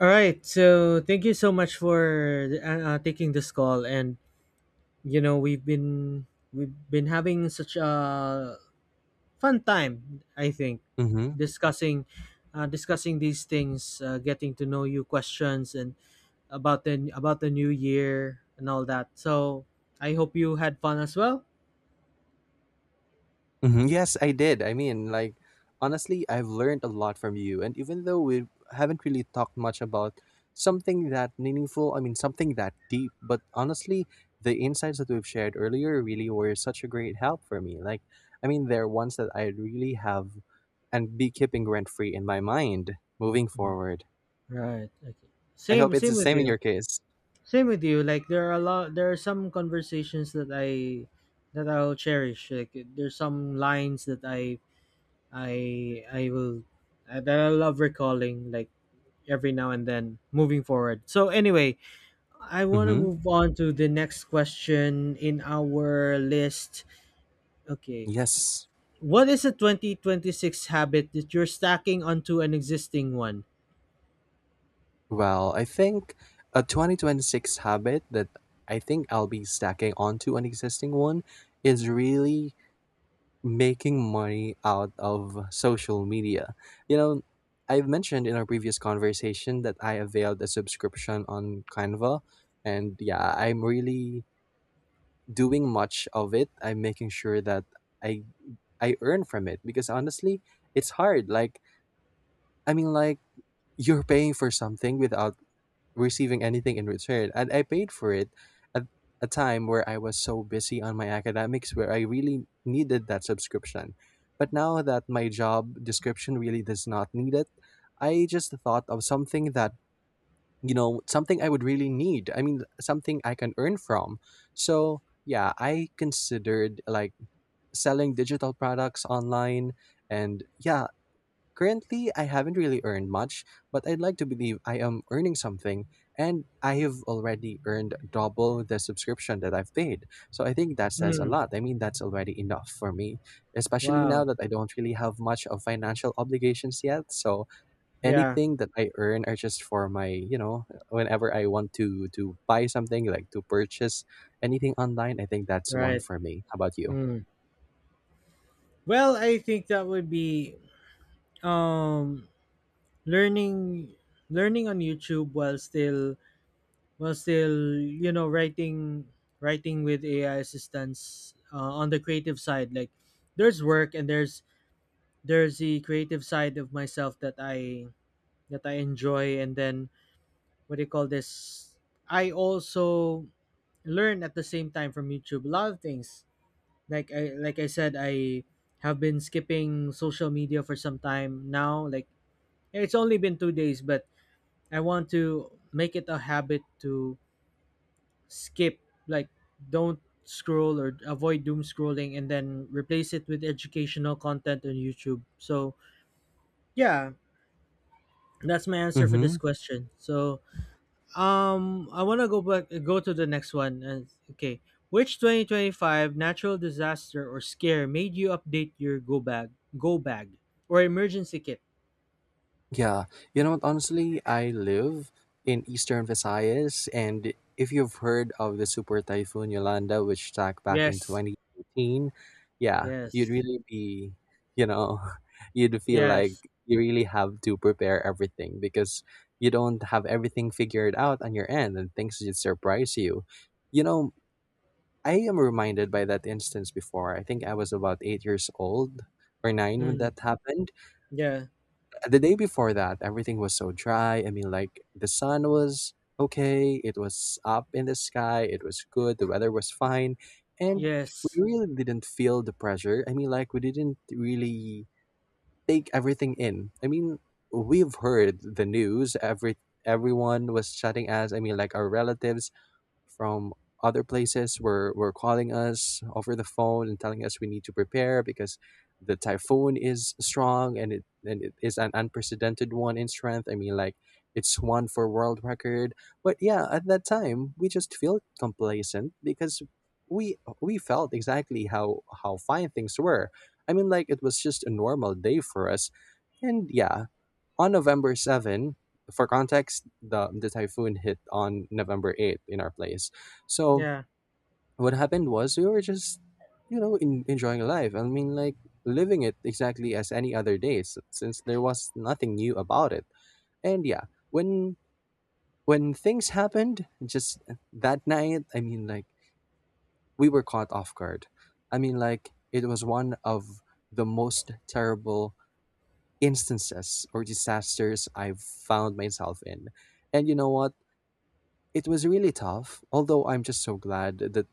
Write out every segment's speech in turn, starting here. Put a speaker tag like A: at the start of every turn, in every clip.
A: All right. So thank you so much for taking this call, and we've been having such a fun time. I think
B: Mhm,
A: discussing discussing these things, getting to know you, questions, and about the new year and all that. So I hope you had fun as well.
B: mhm, yes, I did. Honestly, I've learned a lot from you. And even though we haven't really talked much about something that meaningful, something that deep, but honestly, the insights that we've shared earlier really were such a great help for me. They're ones that I really have and be keeping rent free in my mind moving
A: Mm.
B: forward.
A: Right. Okay.
B: I hope
A: Same
B: it's the
A: same with
B: same in
A: you.
B: your case.
A: Same with you. Like there are a lot. There are some conversations that I'll cherish. Like there's some lines that I will that I love recalling. Like every now and then moving forward. So anyway, I want to
B: Mm-hmm.
A: move on to the next question in our list. Okay,
B: Yes.
A: what is a 2026 habit that you're stacking onto an existing one?
B: Well, I think a 2026 habit that I think I'll be stacking onto an existing one is really making money out of social media. You know, I've mentioned in our previous conversation that I availed a subscription on Canva, and yeah, I'm really doing much of it. I'm making sure that I I earn from it because honestly, it's hard. I mean, like you're paying for something without receiving anything in return. And I paid for it at a time where I was so busy on my academics where I really needed that subscription. But now that my job description really does not need it, I just thought of something that, something I would really need. I mean, something I can earn from. So, yeah, I considered like selling digital products online. And yeah, currently, I haven't really earned much, but I'd like to believe I am earning something, and I have already earned double the subscription that I've paid. So I think that says a
A: Hmm.
B: lot. I mean, that's already enough for me, especially now
A: Wow.
B: that I don't really have much of financial obligations yet. So
A: Yeah.
B: anything that I earn are just for my, whenever I want to buy something, like to purchase anything online, I think that's one
A: Right.
B: for me. How about you?
A: Mm. Well, I think that would be um learning learning on YouTube while still writing, writing with AI assistance, on the creative side. Like there's work and there's the creative side of myself that I enjoy. And then what do you call this? I also learn at the same time from YouTube a lot of things. Like I like I said I have been skipping social media for some time now. Like it's only been 2 days, but I want to make it a habit to skip, like, don't scroll or avoid doom scrolling and then replace it with educational content on YouTube. So, yeah, that's my answer for this
B: Mm-hmm.
A: question. So, I want to go to the next one. And okay, which 2025 natural disaster or scare made you update your go bag, or emergency kit?
B: Yeah, you know what? Honestly, I live in eastern Visayas, and if you've heard of the super typhoon Yolanda, which struck back in
A: Yes,
B: 2018, yeah, you'd
A: yes,
B: really be, you know, you'd feel like
A: yes,
B: you really have to prepare everything because you don't have everything figured out on your end, and things just surprise you. You know, I am reminded by that instance before. I think I was about 8 years old or nine when
A: mm,
B: that happened.
A: yeah,
B: The day before that, everything was so dry. The sun was okay, it was up in the sky, it was good, the weather was fine, and
A: yes,
B: we really didn't feel the pressure. We didn't really take everything in. I mean, we've heard the news, everyone was chatting us. Our relatives from other places were calling us over the phone and telling us we need to prepare because the typhoon is strong and it is an unprecedented one in strength. It's one for world record. But yeah, at that time we just feel complacent because we felt exactly how fine things were. It was just a normal day for us. And yeah, on November 7, for context, the typhoon hit on November 8th in our place. So
A: yeah.
B: what happened was we were just, enjoying life. Living it exactly as any other day, since there was nothing new about it. And yeah, when things happened, just that night, we were caught off guard. It was one of the most terrible instances or disasters I've found myself in. And you know what? It was really tough, although I'm just so glad that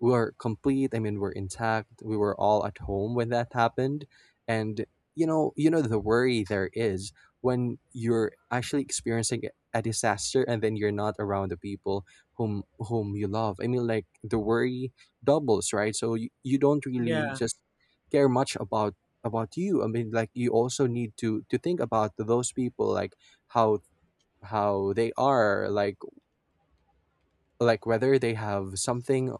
B: we were complete. I mean, we're intact. We were all at home when that happened, and you know the worry there is when you're actually experiencing a disaster and then you're not around the people whom you love. The worry doubles, right? So you don't really
A: Yeah.
B: just care much about you. You also need to think about those people, like how how they are like whether they have something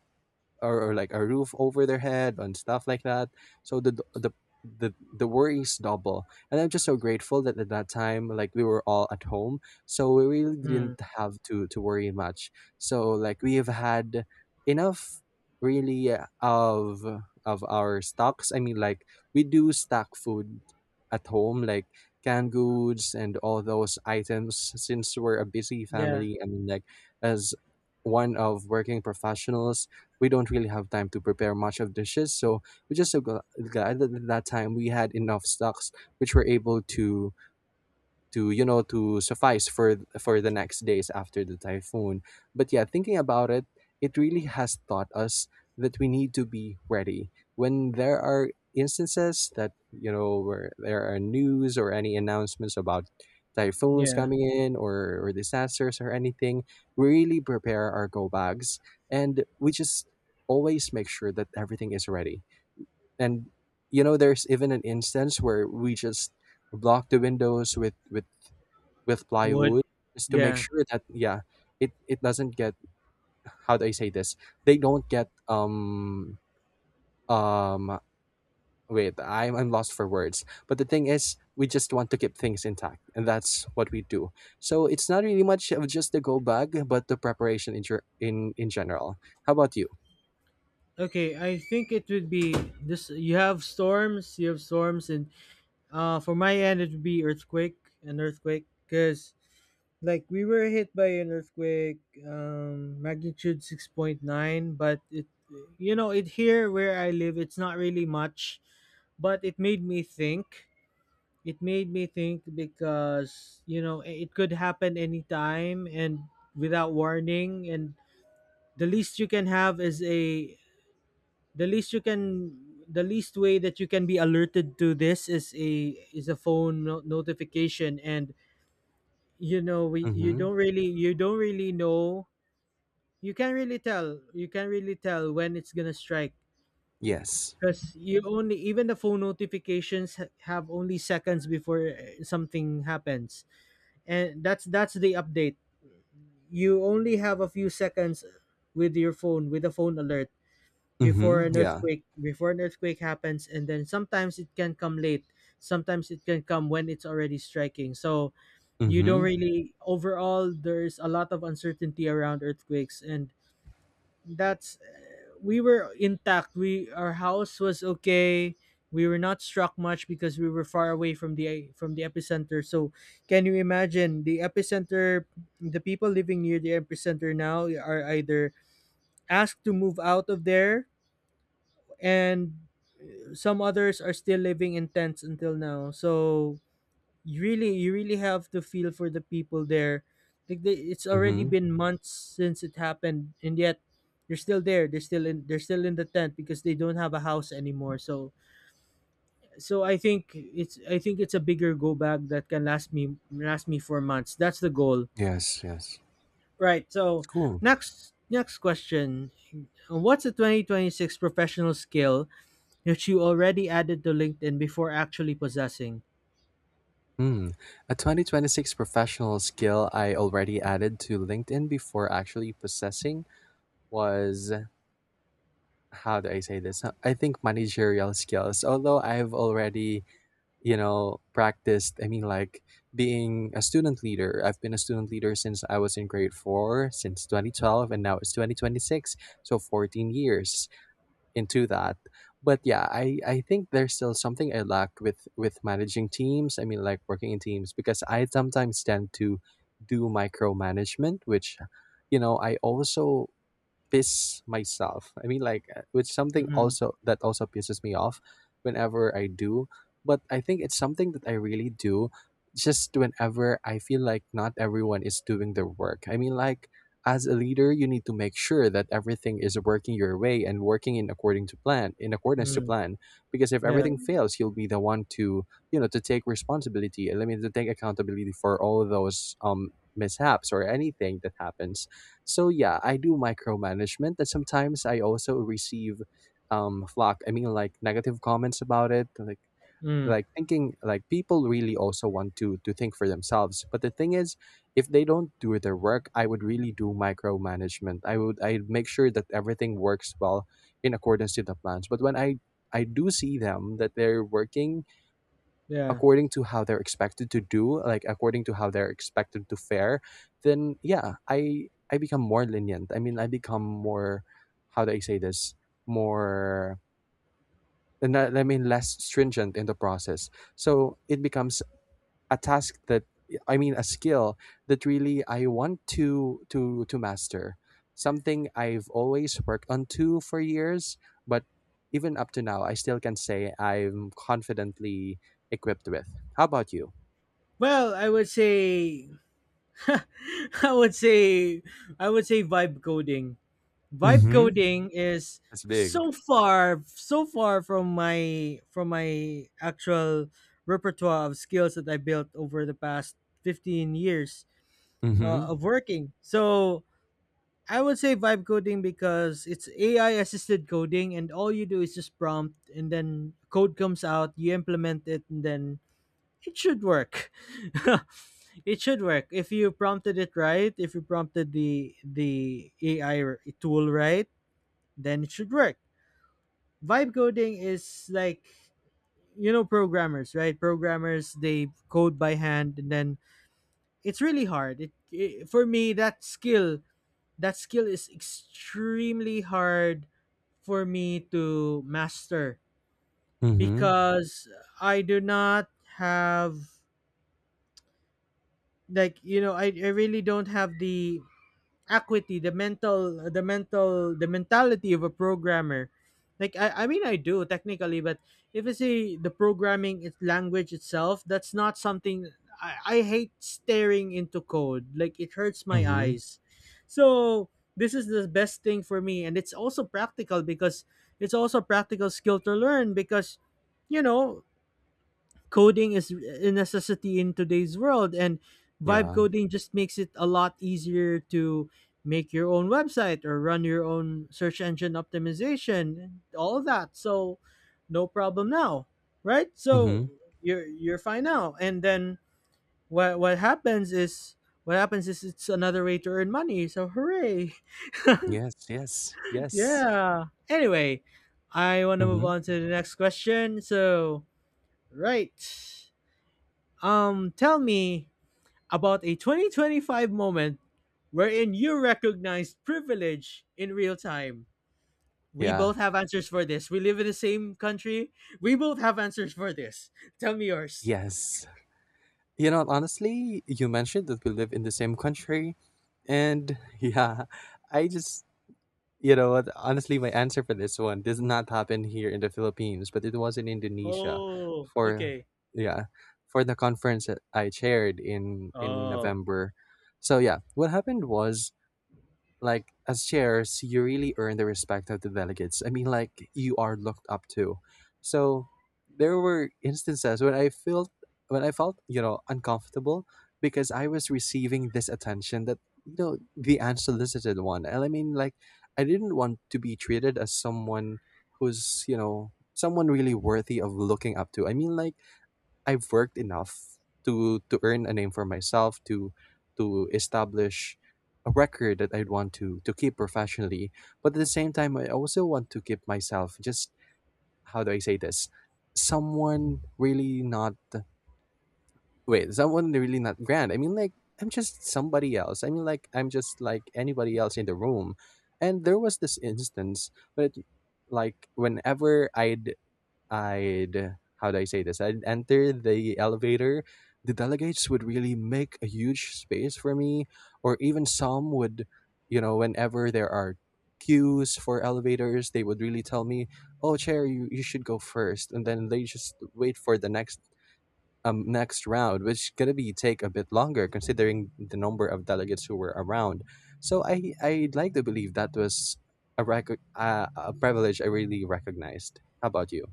B: or like a roof over their head and stuff like that. So the worries double. And I'm just so grateful that at that time, like we were all at home, so we really
A: Mm.
B: didn't have to worry much. So like we have had enough really of our stocks. We do stock food at home, like canned goods and all those items. Since we're a busy
A: Yeah.
B: family, as one of working professionals we don't really have time to prepare much of dishes. So we're just so glad that at that time we had enough stocks, which were able to you know to suffice for the next days after the typhoon. But yeah, thinking about it, it really has taught us that we need to be ready when there are instances that you know where there are news or any announcements about typhoons
A: Yeah.
B: coming in or disasters or anything. We really prepare our go bags and we just always make sure that everything is ready. And you know, there's even an instance where we just block the windows with
A: Wood.
B: plywood just to make
A: Yeah.
B: sure that yeah it doesn't get, how do I say this? They don't get um wait, I'm lost for words, but the thing is we just want to keep things intact, and that's what we do. So it's not really much of just the go bag, but the preparation in ger- in general. How about you?
A: Okay, I think it would be this. You have storms, you have storms, and for my end it would be an earthquake, cuz like we were hit by an earthquake, magnitude 6.9. But it, you know, it, here where I live, it's not really much, but it made me think, it made me think, because you know it could happen anytime and without warning. And the least you can have is a the least you can the least way that you can be alerted to this is a phone notification. And you know, we
B: Mhm.
A: you don't really know, you can't really tell, you can't really tell when it's gonna strike.
B: Yes.
A: Because you only, even the phone notifications have only seconds before something happens. And that's the update. You only have a few seconds with your phone with a phone alert before
B: Mhm.
A: an
B: Yeah.
A: earthquake, happens. And then sometimes it can come late, sometimes it can come when it's already striking. So you don't
B: Mhm.
A: really, overall there's a lot of uncertainty around earthquakes. And we were intact, we our house was okay. We were not struck much because we were far away from the epicenter. So can you imagine the epicenter? The people living near the epicenter now are either asked to move out of there, and some others are still living in tents until now. So you really, you really have to feel for the people there. Like they, it's already
B: Mhm.
A: been months since it happened, and yet they're still there, they're still in the tent because they don't have a house anymore. So so I think it's, I think it's a bigger go bag that can last me, for months. That's the goal.
B: Yes, yes.
A: Right, so
B: It's cool.
A: next, next question. What's a 2026 professional skill that you already added to LinkedIn before actually possessing?
B: Hmm. A 2026 professional skill I already added to LinkedIn before actually possessing was, how do I say this? I think managerial skills. Although I've already, you know, practiced, being a student leader. I've been a student leader since I was in grade four, since 2012, and now it's 2026. So 14 years into that. But yeah, I think there's still something I lack with managing teams. Working in teams because I sometimes tend to do micromanagement, which you know I also piss myself. With something
A: Mm,
B: also that also pisses me off whenever I do. But I think it's something that I really do just whenever I feel like not everyone is doing their work. As a leader, you need to make sure that everything is working your way and working in according to plan, in accordance to
A: mm,
B: plan. Because if
A: yeah,
B: everything fails, you'll be the one to, you know, to take responsibility. I mean, to take accountability for all those mishaps or anything that happens. So yeah, I do micromanagement, and sometimes I also receive flock. Negative comments about it,
A: mm,
B: thinking like people really also want to think for themselves. But the thing is, if they don't do their work, I would really do micromanagement. I make sure that everything works well in accordance to the plans. But when I do see them that they're working
A: yeah.
B: according to how they're expected to do, like according to how they're expected to fare, then yeah, I become more lenient. I mean, I become more, how do I say this? More, and I mean less stringent in the process. So it becomes a task that, I mean, a skill that really I want to master. Something I've always worked on to for years, but even up to now, I still can say I'm confidently equipped with. How about you?
A: Well, I would say, I would say, I would say vibe coding. Vibe
B: Mhm.
A: coding is
B: That's big.
A: so far, so far from my actual repertoire of skills that I built over the past 15 years
B: Mhm.
A: of working. So I would say vibe coding because it's AI assisted coding, and all you do is just prompt and then code comes out, you implement it, and then it should work. It should work if you prompted it right, if you prompted the AI tool right, then it should work. Vibe coding is like, you know, programmers, right? Programmers, they code by hand, and then it's really hard. It For me, that skill, is extremely hard for me to master
B: Mhm.
A: because I do not have, like, you know, I really don't have the equity the mental the mentality of a programmer. Like I mean I do technically, but if you see the programming language itself, that's not something I hate staring into code, like it hurts my
B: Mhm.
A: eyes. So this is the best thing for me, and it's also practical because it's also a practical skill to learn because, you know, coding is a necessity in today's world, and vibe
B: Yeah.
A: coding just makes it a lot easier to make your own website or run your own search engine optimization, all that. So no problem now, right? So
B: Mhm.
A: you're fine now. And then what what happens is what happens is it's another way to earn money, so hooray.
B: Yes, yes, yes.
A: Yeah, anyway, I want to move
B: Mhm.
A: on to the next question. So right, tell me about a 2025 moment wherein you recognized privilege in real time. We
B: Yeah.
A: both have answers for this. We live in the same country. We both have answers for this. Tell me yours.
B: Yes. You know, honestly, you mentioned that we live in the same country. And yeah, I just, you know what, honestly, my answer for this one does not happen here in the Philippines, but it was in Indonesia
A: Oh,
B: for,
A: okay.
B: yeah, for the conference that I chaired in
A: Oh.
B: November. So yeah, what happened was, like, as chairs you really earn the respect of the delegates. You are looked up to. So there were instances when I felt, you know, uncomfortable because I was receiving this attention that, you know, the unsolicited one. And I didn't want to be treated as someone who's, you know, someone really worthy of looking up to. I've worked enough to earn a name for myself, to establish a record that I'd want to keep professionally. But at the same time, I also want to keep myself just, how do I say this? Someone really not, wait, someone really not grand. I'm just somebody else. I'm just like anybody else in the room. And there was this instance, but like whenever I'd how do I say this? I'd enter the elevator. The delegates would really make a huge space for me, or even some would, whenever there are queues for elevators, they would really tell me, "Oh, chair, you should go first," and then they just wait for the next next round, which is gonna be take a bit longer considering the number of delegates who were around. So I'd like to believe that was a privilege I really recognized. How about you?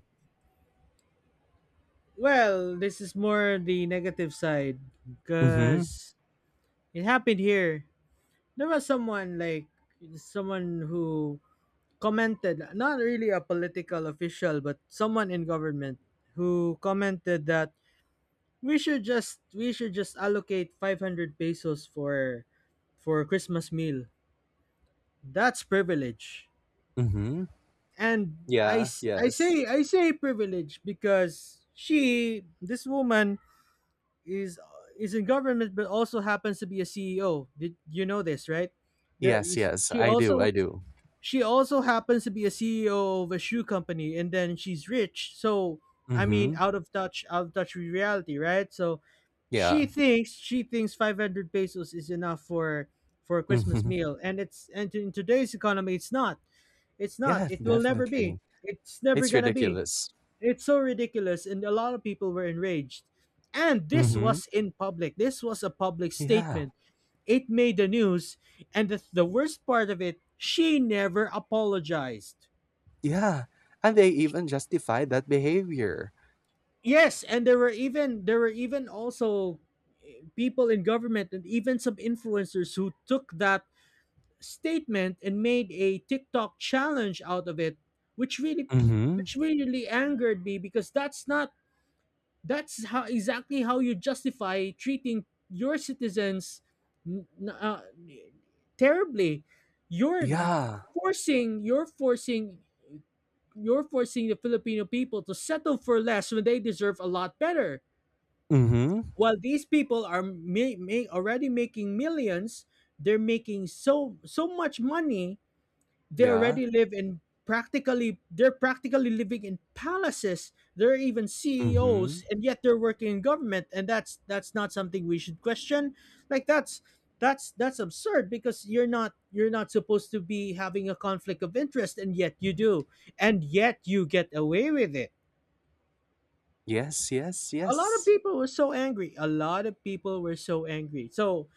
A: Well, this is more the negative side
B: Mm-hmm.
A: because it happened here. There was someone like someone who commented, not really a political official, but someone in government, who commented that we should just, we should just allocate 500 pesos for Christmas meal. That's privilege.
B: Mhm.
A: And
B: Yeah,
A: I
B: yes.
A: say, I say privilege because she, this woman is is in government but also happens to be a CEO. Did you know this, right? There
B: Yes,
A: is
B: yes.
A: she
B: I do,
A: also,
B: I do.
A: she also happens to be a CEO of a shoe company, and then she's rich. So I mean,
B: Mhm.
A: out of touch, out of touch with reality, right? So
B: Yeah.
A: she thinks 500 pesos is enough for a Christmas
B: Mhm.
A: meal. And it's, and in today's economy, it's not. It's not.
B: Yeah,
A: It will never be.
B: definitely.
A: It's never
B: It's
A: going to be.
B: ridiculous.
A: It's so ridiculous, and a lot of people were enraged. And this
B: Mhm.
A: was in public, this was a public
B: Yeah.
A: statement, it made the news. And the worst part of it, she never apologized.
B: Yeah. And they even justify that behavior.
A: Yes, and there were even, also people in government and even some influencers who took that statement and made a TikTok challenge out of it, which really,
B: Mhm.
A: which really angered me because that's not, that's how, exactly how you justify treating your citizens n- uh, terribly. You're
B: Yeah.
A: forcing, you're forcing, you're forcing the Filipino people to settle for less when they deserve a lot better.
B: Mhm.
A: While these people are already making millions, they're making so, so much money. They
B: Yeah.
A: already live in practically, they're practically living in palaces. They're even CEOs,
B: Mhm.
A: and yet they're working in government, and that's not something we should question. Like that's, that's absurd because you're not, you're not supposed to be having a conflict of interest, and yet you do, and yet you get away with it.
B: Yes, yes,
A: A lot of
B: yes.
A: people were so angry, a lot of people were so angry. So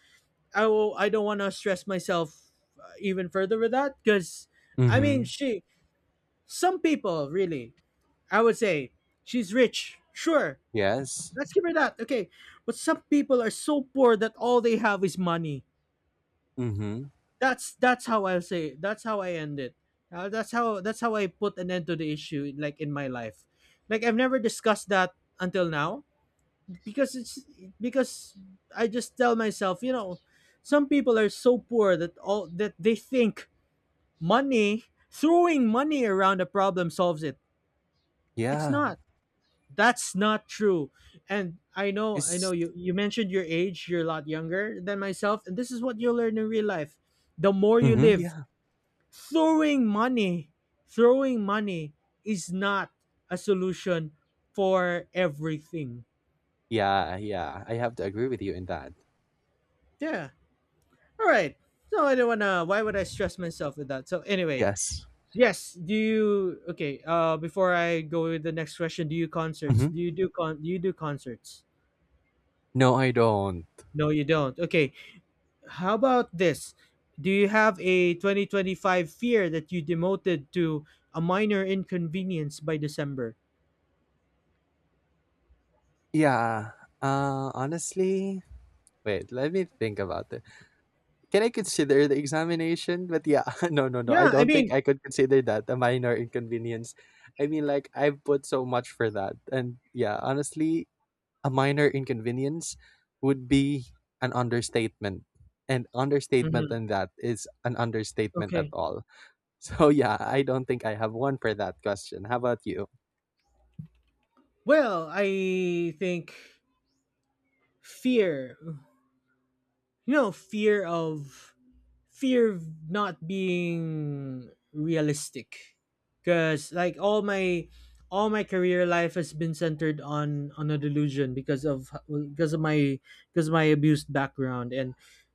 A: I will, I don't want to stress myself, even further with that because I mean
B: Mhm.
A: she some people, really, I would say, she's rich. Sure,
B: Yes.
A: let's give her that. Okay, but some people are so poor that all they have is money.
B: Mhm.
A: That's how I'll say. That's how I end it. That's how, that's how I put an end to the issue. Like in my life, like I've never discussed that until now, because it's, because I just tell myself, you know, some people are so poor that all that they think, money, throwing money around a problem solves it. It's
B: Yeah.
A: not. That's not true. And I know
B: It's.
A: you mentioned your age, you're a lot younger than myself, and this is what you'll learn in real life. The more you
B: Mhm.
A: live,
B: Yeah.
A: throwing money, throwing money is not a solution for everything.
B: Yeah, yeah. I have to agree with you in that.
A: Yeah. All right. So I don't wanna, why would I stress myself with that? So anyway,
B: Yes.
A: yes, do you okay, before I go with the next question,
B: Mhm.
A: Do you do concerts?
B: No, I don't.
A: No, you don't. Okay. How about this? Do you have a 2025 fear that you demoted to a minor inconvenience by December?
B: Yeah. Honestly, wait, let me think about it. Can I consider the examination? But yeah, no, no, no. I
A: Yeah, I
B: don't think
A: mean,
B: I could consider that a minor inconvenience. I mean, like, I've put so much for that. And yeah, honestly, a minor inconvenience would be an understatement. And understatement
A: mhm,
B: in that is an understatement at
A: okay.
B: all. So yeah, I don't think I have one for that question. How about you?
A: Well, I think fear, you know, fear of fear of not being realistic because like all my career life has been centered on a delusion because of because of my because of my abused background. And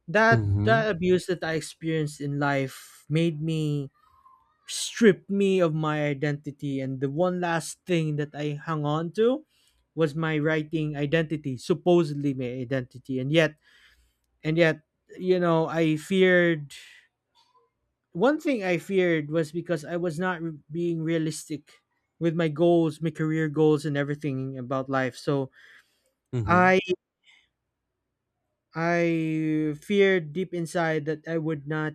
A: that
B: Mm-hmm.
A: that abuse that I experienced in life made me stripped me of my identity, and the one last thing that I hung on to was my writing identity, supposedly my identity. And yet and yet I feared one thing. I feared was because I was not re- being realistic with my goals, my career goals, and everything about life. So
B: Mm-hmm.
A: I I feared deep inside that I would not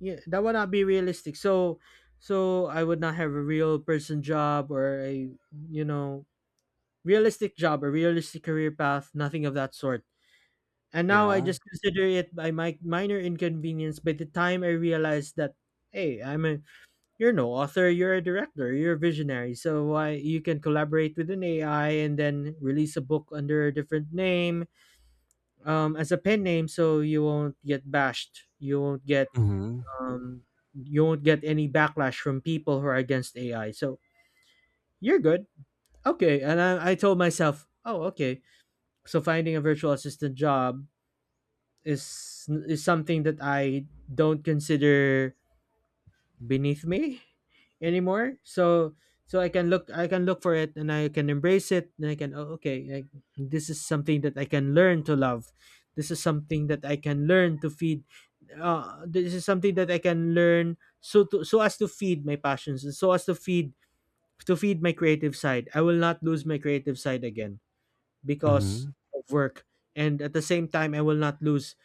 A: yeah, that would not be realistic. So I would not have a real person job or a you know realistic job, a realistic career path, nothing of that sort. And now I
B: Yeah.
A: just consider it by my minor inconvenience by the time I realized that hey, I'm a you're no author, you're a director, you're a visionary. So why, you can collaborate with an ai and then release a book under a different name, as a pen name, so you won't get bashed,
B: Mm-hmm.
A: um, you won't get any backlash from people who are against ai. So you're good. Okay. And I told myself, oh okay, so finding a virtual assistant job is something that I don't consider beneath me anymore. So I can look, I can look for it, and I can embrace it, and I can, oh, okay. This is something that I can learn to love. This is something that I can learn to feed. Uh, this is something that I can learn, so to, so as to feed my passions, and so as to feed, to feed my creative side. I will not lose my creative side again because
B: Mm-hmm.
A: of work, and at the same time I will not lose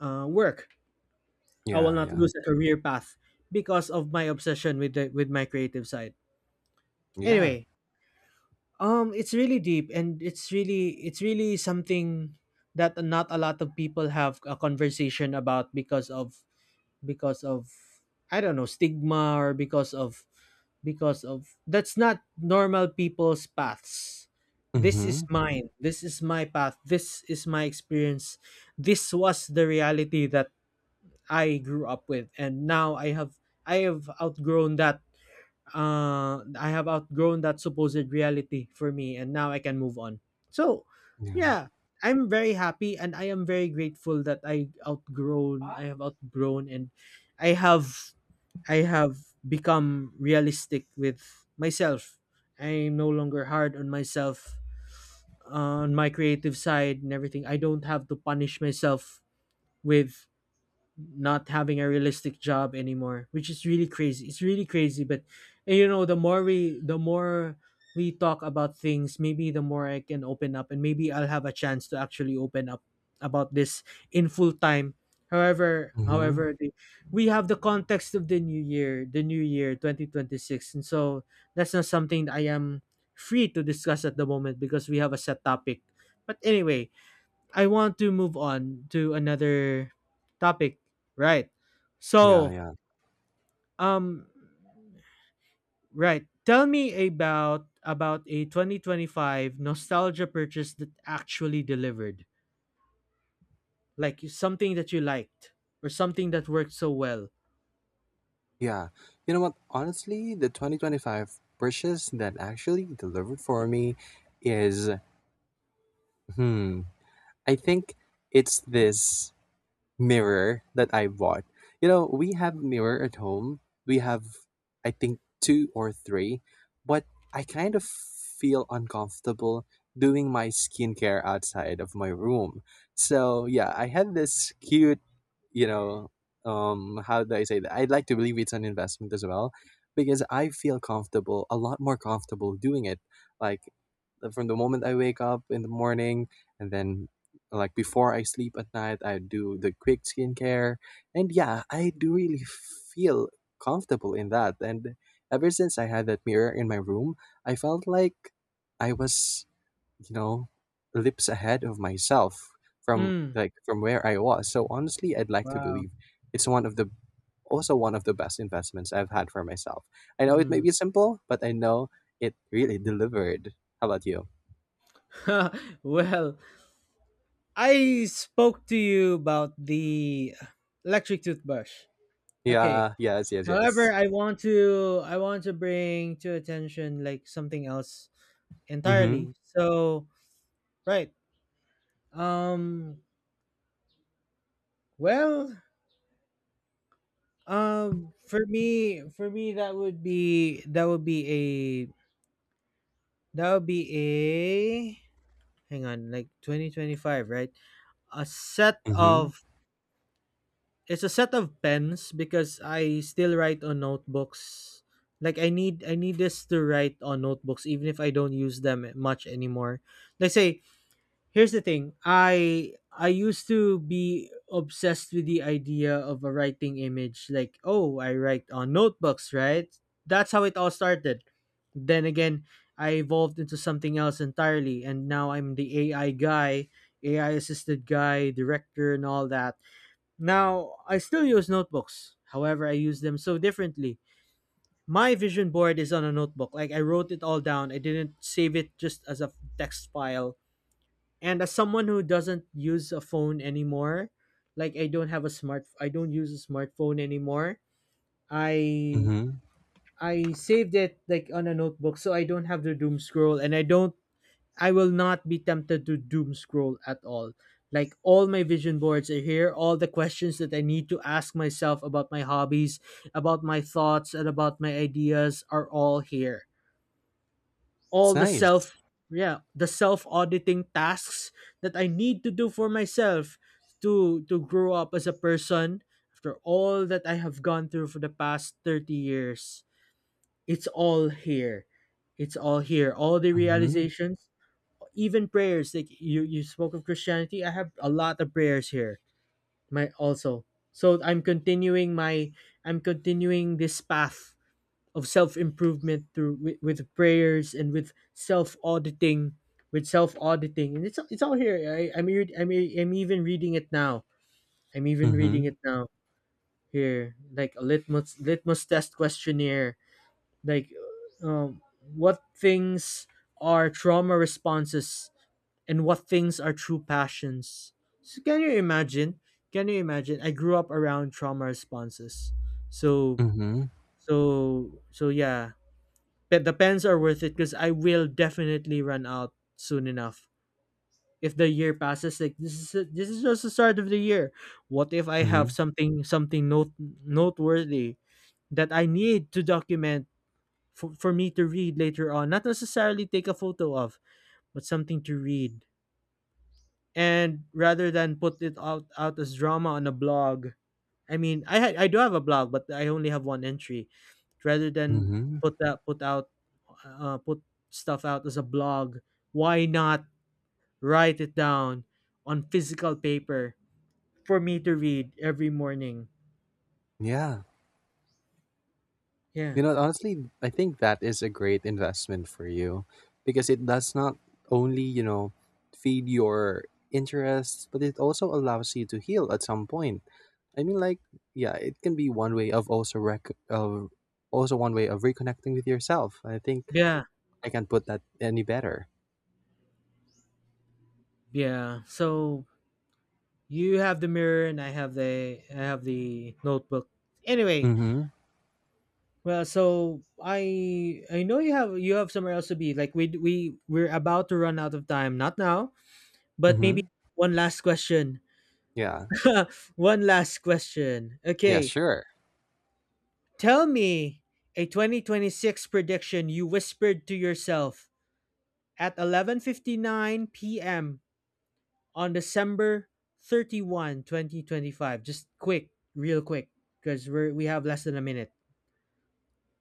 A: work. I will
B: Yeah,
A: not
B: yeah.
A: lose a career path because of my obsession with the with my creative side.
B: Yeah.
A: Anyway, it's really deep, and it's really, it's really something that not a lot of people have a conversation about, because of because of I don't know, stigma, or because of that's not normal people's paths. This is
B: Mhm.
A: mine. This is my path. This is my experience. This was the reality that I grew up with, and now I have outgrown that. I have outgrown that supposed reality for me, and now I can move on. So,
B: Yeah.
A: yeah, I'm very happy, and I am very grateful that I outgrown. I have outgrown, and I have I have become realistic with myself. I'm no longer hard on myself, on my creative side, and everything. I don't have to punish myself with not having a realistic job anymore, which is really crazy, it's really crazy. But and you know, the more we talk about things, maybe the more I can open up, and maybe I'll have a chance to actually open up about this in full time.
B: Mhm.
A: However, we have the context of the new year, the new year 2026, and so that's not something that I am free to discuss at the moment because we have a set topic. But anyway, I want to move on to another topic. Right.
B: Yeah,
A: So,
B: yeah.
A: um right, tell me about a 2025 nostalgia purchase that actually delivered. Like something that you liked or something that worked so well.
B: Yeah. You know what? Honestly, the 2025 purchase that actually delivered for me is hmm, I think it's this mirror that I bought. You know, we have mirror at home. We have I think two or three, but I kind of feel uncomfortable doing my skincare outside of my room. So, yeah, I had this cute, you know, how do I say that? I'd like to believe it's an investment as well because I feel comfortable, a lot more comfortable doing it like from the moment I wake up in the morning and then like before I sleep at night, I do the quick skincare. And yeah, I do really feel comfortable in that. And ever since I had that mirror in my room, I felt like I was, you know, lips ahead of myself from
A: Mm.
B: like from where I was. So honestly, I'd like to
A: Wow.
B: believe it's one of the also one of the best investments I've had for myself. I know it may
A: Mm.
B: be simple, but I know it really delivered. How about you?
A: Well, I spoke to you about the electric toothbrush. Okay.
B: Yeah, yes, yes,
A: However,
B: yes.
A: I want to bring to attention like something else
B: Mm-hmm.
A: entirely. So right. Um well for me that would be that would be a hang on, like 2025, right, a set
B: Mm-hmm.
A: of, it's a set of pens, because I still write on notebooks. Like I need this to write on notebooks, even if I don't use them much anymore. Let's say, here's the thing. I used to be obsessed with the idea of a writing image, like, oh, I write on notebooks, right? That's how it all started. Then again, I evolved into something else entirely, and now I'm the AI guy, AI assisted guy, director and all that. Now, I still use notebooks. However, I use them so differently. My vision board is on a notebook. Like I wrote it all down. I didn't save it just as a text file. And as someone who doesn't use a phone anymore, like i don't use a smartphone anymore, i
B: Mhm.
A: I saved it like on a notebook, so I don't have to doom scroll, and i will not be tempted to doom scroll at all. Like all my vision boards are here, all the questions that I need to ask myself about my hobbies, about my thoughts, and about my ideas, are all here. All
B: It's
A: the
B: nice.
A: self, yeah, the self auditing tasks that I need to do for myself to grow up as a person after all that I have gone through for the past 30 years, it's all here. It's all here, all the
B: Mhm.
A: realizations, even prayers. Like you spoke of christianity. I have a lot of prayers here, my also. So I'm continuing this path of self improvement through with prayers and with self auditing, and it's all here. I, I'm re- I'm re- I'm even reading it now. I'm even reading
B: Mhm.
A: it now here, like a litmus test questionnaire. Like, um, what things are trauma responses and what things are true passions? So can you imagine? Can you imagine? I grew up around trauma responses. So
B: Mhm.
A: yeah, but the pens are worth it because I will definitely run out soon enough. If the year passes, like this is just the start of the year. What if I have
B: Mhm.
A: something note noteworthy that I need to document for me to read later on? Not necessarily take a photo of, but something to read. And rather than put it out as drama on a blog, I mean, I do have a blog, but I only have one entry. Rather than
B: Mhm.
A: put out put stuff out as a blog, why not write it down on physical paper for me to read every morning?
B: Yeah.
A: Yeah.
B: You know, honestly, I think that is a great investment for you because it does not only, feed your interests, but it also allows you to heal at some point. I mean, like, yeah, it can be one way of also one way of reconnecting with yourself. I think
A: Yeah.
B: I can't put that any better.
A: Yeah. So you have the mirror and I have the notebook. Anyway,
B: Mhm.
A: well, so I know you have somewhere else to be. Like we're about to run out of time. Not now, but maybe
B: Mhm.
A: one last question.
B: Yeah.
A: One last question.
B: Yeah,
A: Okay.
B: sure.
A: Tell me a 2026 prediction you whispered to yourself at 11:59 p.m. on December 31, 2025. Just quick, real quick, because we have less than a minute.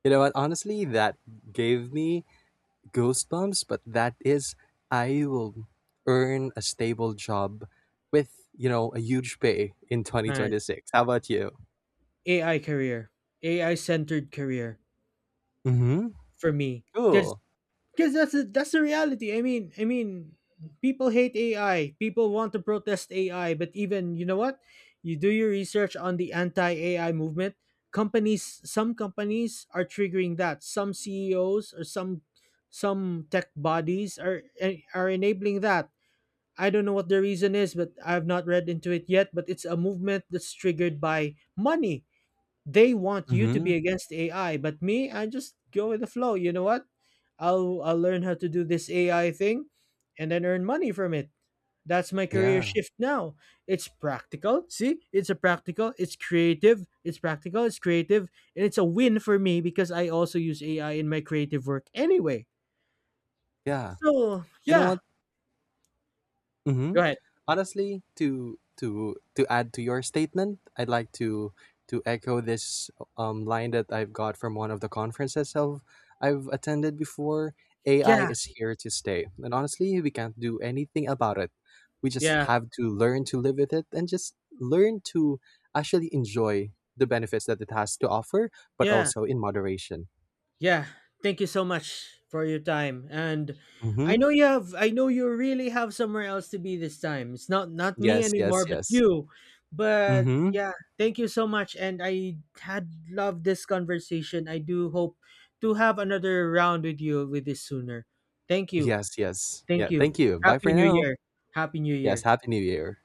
B: You know what? Honestly, that gave me Ghost goosebumps, but that is I will earn a stable job with, a huge pay in
A: Nice.
B: 2026. How about you?
A: AI career. AI centered career
B: Mm-hmm.
A: for me cuz
B: Cool.
A: because that's that's the reality. I mean, people hate AI. People want to protest AI, but even, you know what? You do your research on the anti-AI movement. Companies, some companies are triggering that. Some CEOs or some tech bodies are enabling that. I don't know what the reason is, but I've not read into it yet. But it's a movement that's triggered by money. They want you to
B: Mm-hmm.
A: be against AI, but me, I just go with the flow. You know what? I'll learn how to do this AI thing and then earn money from it. That's my career
B: Yeah.
A: shift now. It's practical. See? It's a practical, it's creative, it's practical, it's creative, and it's a win for me because I also use AI in my creative work anyway.
B: Yeah.
A: So,
B: You know
A: yeah.
B: what?
A: Go
B: Hmm.
A: ahead.
B: Honestly, to add to your statement, I'd like to echo this line that I've got from one of the conferences I've attended before. AI
A: Yeah.
B: is here to stay, and honestly, we can't do anything about it. We
A: Yeah.
B: just have to learn to live with it and just learn to actually enjoy the benefits that it has to offer, but
A: Yeah.
B: also in moderation.
A: Yeah, thank you so much for your time. And
B: Mm-hmm.
A: I know you really have somewhere else to be this time. It's not me
B: Yes, yes,
A: anymore, but
B: yes.
A: you. But
B: Mm-hmm.
A: yeah, thank you so much, and I had loved this conversation. I do hope to have another round with you with this sooner. Thank you.
B: Yes, yes.
A: Thank
B: Yeah.
A: you.
B: Thank you. Bye
A: Happy
B: for
A: New
B: now.
A: Year. Happy New
B: Yes.
A: Year.
B: Happy New Year.